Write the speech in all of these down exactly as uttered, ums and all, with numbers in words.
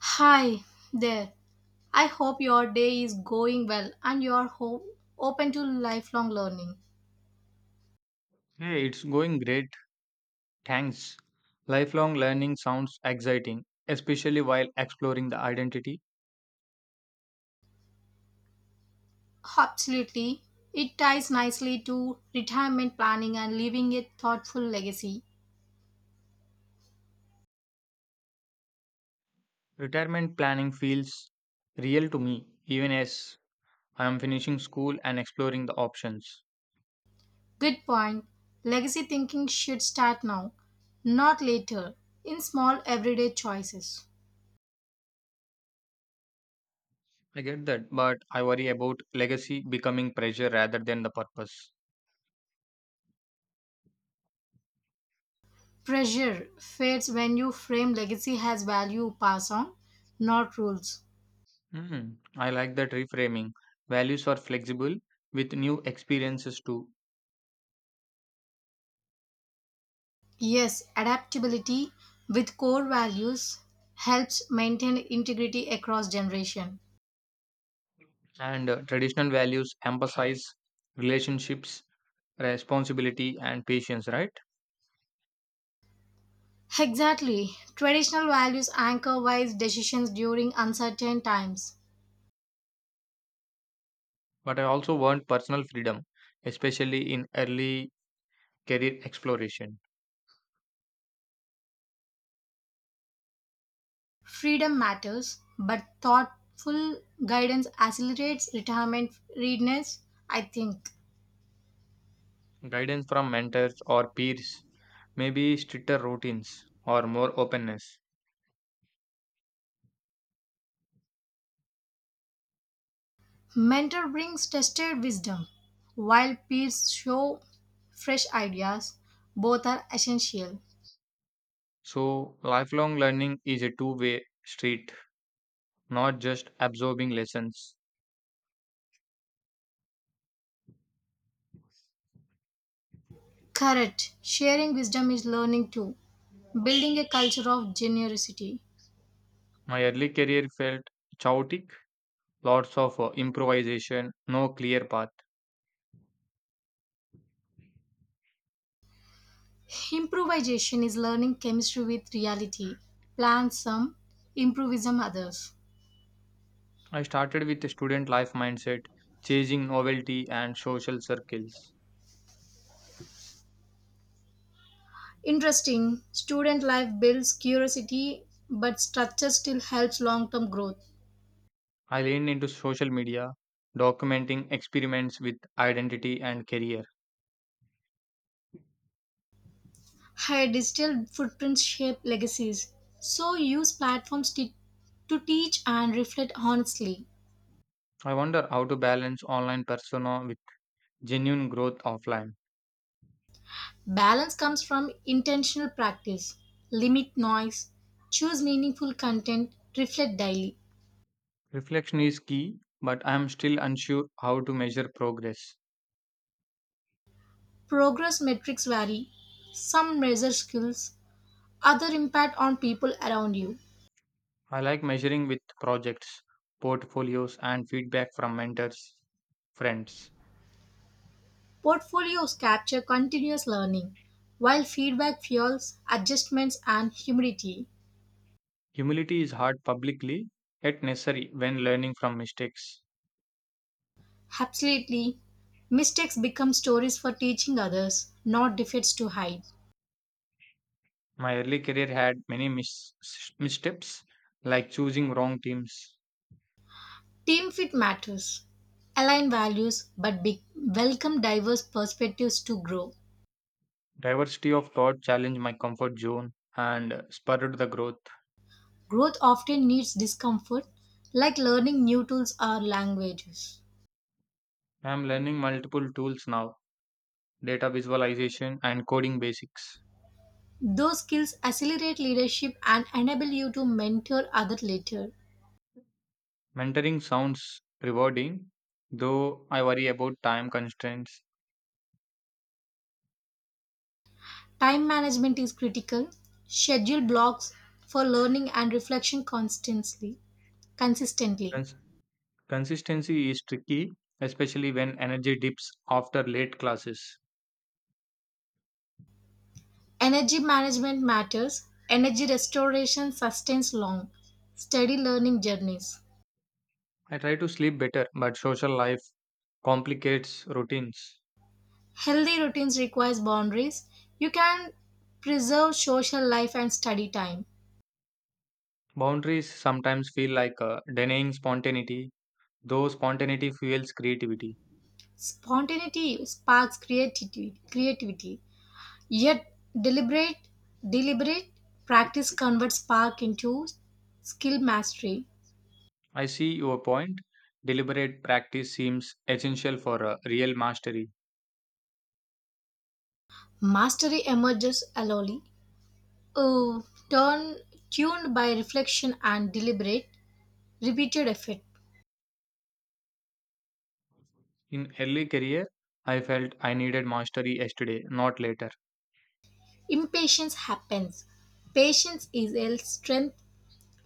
Hi there. I hope your day is going well and you're ho- open to lifelong learning. Hey, it's going great. Thanks. Lifelong learning sounds exciting, especially while exploring the identity. Absolutely. It ties nicely to retirement planning and leaving a thoughtful legacy. Retirement planning feels real to me, even as I am finishing school and exploring the options. Good point. Legacy thinking should start now, not later, in small everyday choices. I get that, but I worry about legacy becoming pressure rather than the purpose. Pressure fades when you frame legacy as value pass on, not rules. Hmm, I like that reframing. Values are flexible with new experiences too, Yes, adaptability with core values helps maintain integrity across generation. and uh, traditional values emphasize relationships, responsibility, and patience, right? Exactly. Traditional values anchor wise decisions during uncertain times. But I also want personal freedom, especially in early career exploration. Freedom matters, but thoughtful guidance accelerates retirement readiness, I think. Guidance from mentors or peers, maybe stricter routines or more openness. Mentor brings tested wisdom, while peers show fresh ideas. Both are essential. So, lifelong learning is a two way street, not just absorbing lessons. Correct. Sharing wisdom is learning too. Building a culture of generosity. My early career felt chaotic, lots of uh, improvisation, no clear path. Improvisation is learning chemistry with reality. Plan some, improvise some others. I started with a student life mindset, chasing novelty and social circles. Interesting. Student life builds curiosity, but structure still helps long term growth. I leaned into social media, documenting experiments with identity and career. Higher digital footprints shape legacies. So use platforms to to teach and reflect honestly. I wonder how to balance online persona with genuine growth offline. Balance comes from intentional practice. Limit noise, choose meaningful content, reflect daily. Reflection is key, but I am still unsure how to measure progress. Progress metrics vary. Some measure skills, other impact on people around you. I like measuring with projects, portfolios, and feedback from mentors, friends. Portfolios capture continuous learning, while feedback fuels adjustments and humility. Humility is hard publicly, yet necessary when learning from mistakes. Absolutely, mistakes become stories for teaching others, not defeats to hide. My early career had many mis- missteps, like choosing wrong teams. Team fit matters. Align values, but be- welcome diverse perspectives to grow. Diversity of thought challenged my comfort zone and spurred the growth. Growth often needs discomfort, like learning new tools or languages. I am learning multiple tools now, data visualization and coding basics. Those skills accelerate leadership and enable you to mentor others later. Mentoring sounds rewarding, though I worry about time constraints. Time management is critical. Schedule blocks for learning and reflection constantly, consistently. Cons- Consistency is tricky, especially when energy dips after late classes. Energy management matters. Energy restoration sustains long, steady learning journeys. I try to sleep better, but social life complicates routines. Healthy routines requires boundaries. You can preserve social life and study time. Boundaries sometimes feel like uh, denying spontaneity, though spontaneity fuels creativity. Spontaneity sparks creativity, creativity. Yet deliberate deliberate practice converts spark into skill mastery. I see your point. Deliberate practice seems essential for a real mastery. Mastery emerges slowly. Oh, turn tuned by reflection and deliberate repeated effort. In early career, I felt I needed mastery yesterday, not later. Impatience happens. Patience is a strength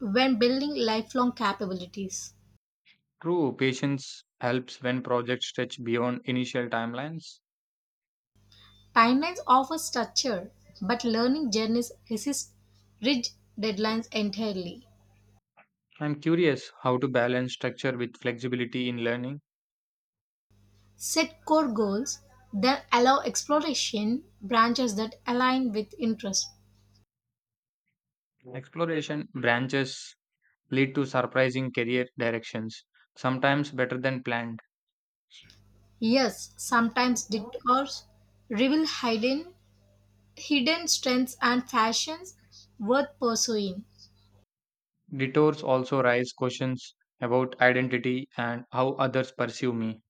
when building lifelong capabilities. True, patience helps when projects stretch beyond initial timelines. Timelines offer structure, but learning journeys resist rigid deadlines entirely. I'm curious how to balance structure with flexibility in learning. Set core goals, then allow exploration branches that align with interest. Exploration branches lead to surprising career directions, sometimes better than planned. Yes, sometimes detours reveal hidden hidden strengths and passions worth pursuing. Detours also raise questions about identity and how others perceive me.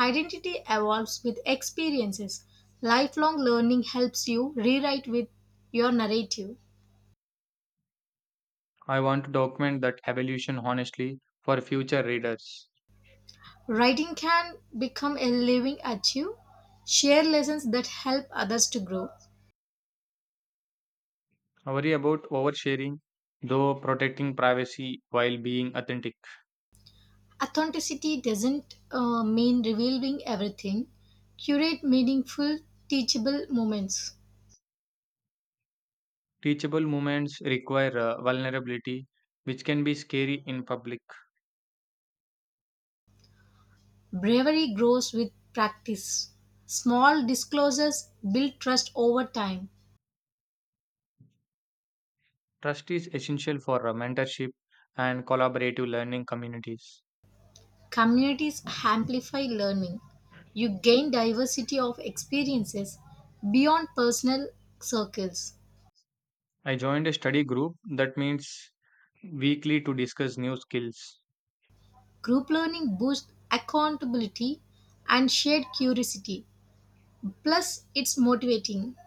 Identity evolves with experiences. Lifelong learning helps you rewrite with your narrative. I want to document that evolution honestly for future readers. Writing can become a living archive, share lessons that help others to grow. I worry about oversharing, though protecting privacy while being authentic. Authenticity doesn't uh, mean revealing everything, curate meaningful, teachable moments. Teachable moments require uh, vulnerability, which can be scary in public. Bravery grows with practice. Small disclosures build trust over time. Trust is essential for uh, mentorship and collaborative learning communities. Communities amplify learning. You gain diversity of experiences beyond personal circles. I joined a study group that meets weekly to discuss new skills. Group learning boosts accountability and shared curiosity. Plus, it's motivating.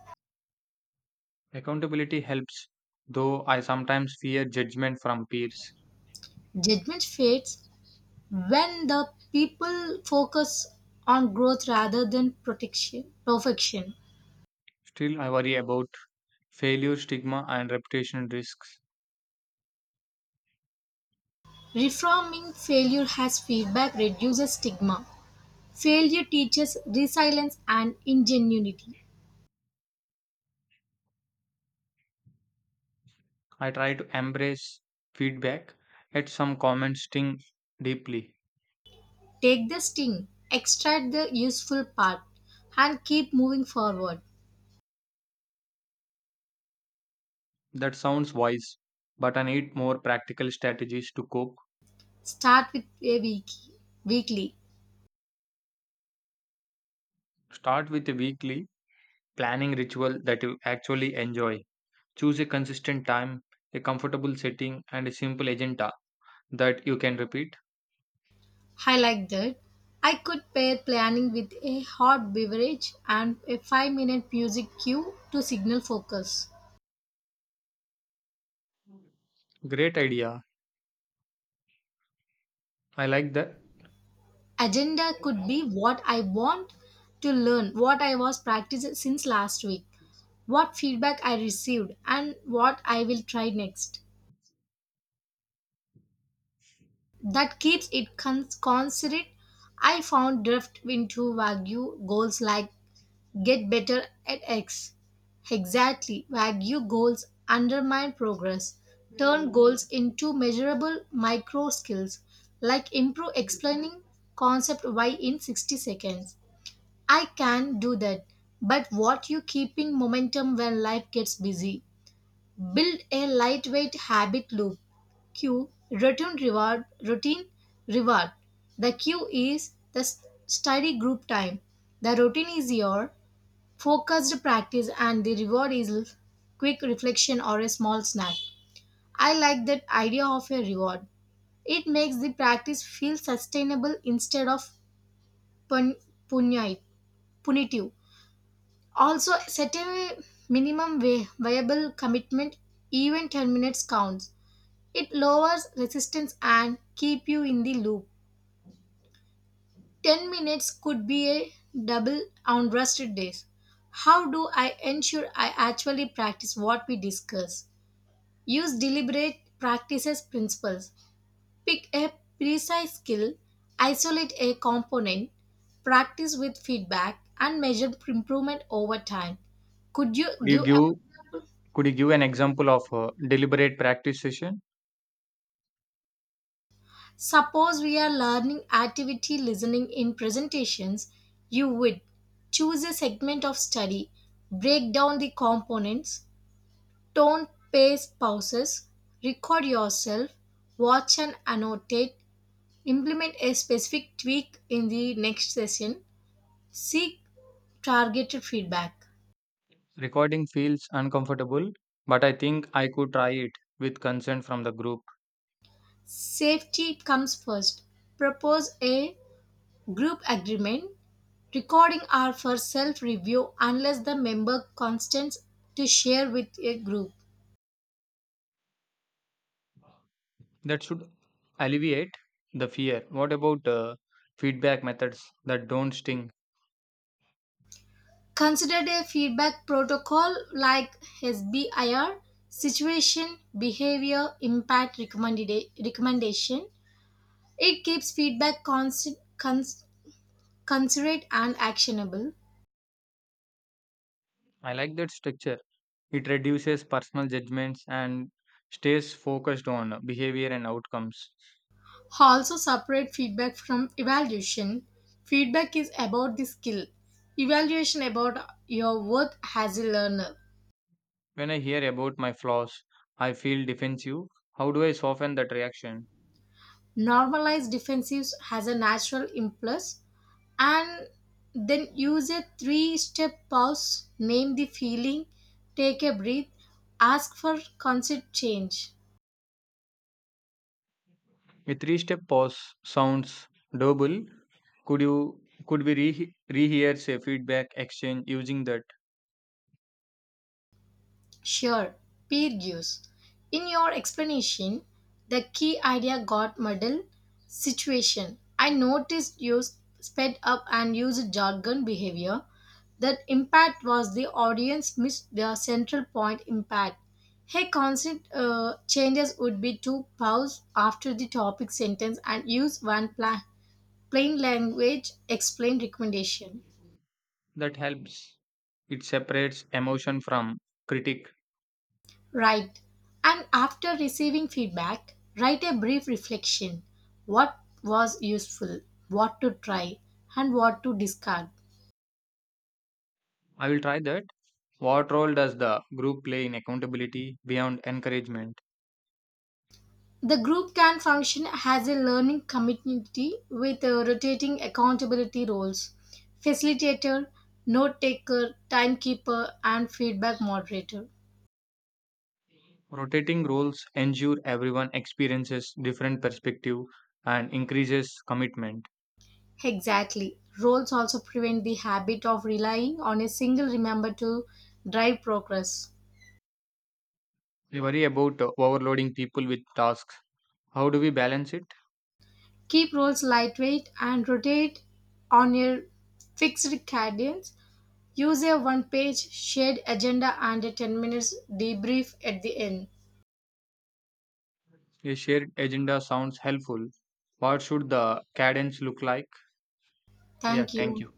Accountability helps, though I sometimes fear judgment from peers. Judgment fades when the people focus on growth rather than protection, perfection. Still, I worry about failure stigma and reputation risks. Reframing failure as feedback reduces stigma. Failure teaches resilience and ingenuity. I try to embrace feedback, yet some comments sting deeply. Take the sting, extract the useful part, and keep moving forward. That sounds wise, but I need more practical strategies to cope. Start with a week, weekly. Start with a weekly planning ritual that you actually enjoy. Choose a consistent time, a comfortable setting, and a simple agenda that you can repeat. I like that. I could pair planning with a hot beverage and a five minute music cue to signal focus. Great idea. I like that. Agenda Could could be what I want to learn, what I was practicing since last week, what feedback I received, and what I will try next. That keeps it con- considerate. I found drift into vague goals like get better at X. Exactly, wagyu goals undermine progress. Turn goals into measurable micro skills, like improve explaining concept Y in sixty seconds. I can do that, but what you keeping momentum when life gets busy? Build a lightweight habit loop. Q return reward routine reward. The Q is the s- study group time. The routine is your focused practice and the reward is l- quick reflection or a small snack. I like that idea of a reward. It makes the practice feel sustainable instead of pun- punyai- punitive. Also, set a minimum vi- viable commitment, even ten minutes counts. It lowers resistance and keep you in the loop. ten minutes could be a double on rusted days. How do I ensure I actually practice what we discuss? Use deliberate practices principles. Pick a precise skill, isolate a component, practice with feedback, and measure improvement over time. Could you you give an give example? could you give an example of a deliberate practice session? Suppose we are learning activity listening in presentations, you would choose a segment of study, break down the components, tone, pace, pauses, record yourself, watch and annotate, implement a specific tweak in the next session. Seek targeted feedback. Recording feels uncomfortable, but I think I could try it with consent from the group. Safety comes first. Propose a group agreement. Recording are for self review unless the member consents to share with a group. That should alleviate the fear. What about uh, feedback methods that don't sting? Consider a feedback protocol like S B I R, situation, behavior, impact recommended, recommendation. It keeps feedback constant, cons- considerate and actionable. I like that structure. It reduces personal judgments and stays focused on behavior and outcomes. Also, separate feedback from evaluation. Feedback is about the skill, evaluation about your worth as a learner. When I hear about my flaws, I feel defensive. How do I soften that reaction? Normalize defensives as a natural impulse and then use a three step pause, name the feeling, take a breath, ask for consent change. A three step pause sounds doable. Could you could we re- rehear say feedback exchange using that? Sure, peer use. In your explanation, the key idea got muddled situation. I noticed you sped up and used jargon behavior. That impact was the audience missed their central point impact. Hey, constant uh, changes would be to pause after the topic sentence and use one pla- plain language explain recommendation. That helps. It separates emotion from critique. Right. And after receiving feedback, write a brief reflection. What was useful, what to try, and what to discard. I will try that. What role does the group play in accountability beyond encouragement? The group can function as a learning community with uh, rotating accountability roles facilitator, note taker, timekeeper, and feedback moderator. Rotating roles ensure everyone experiences different perspective and increases commitment. Exactly. Roles also prevent the habit of relying on a single remember to drive progress. We worry about uh, overloading people with tasks. How do we balance it? Keep rolls lightweight and rotate on your fixed cadence. Use a one page shared agenda and a ten minutes debrief at the end. A shared agenda sounds helpful. What should the cadence look like? Yeah, Thank thank you. you.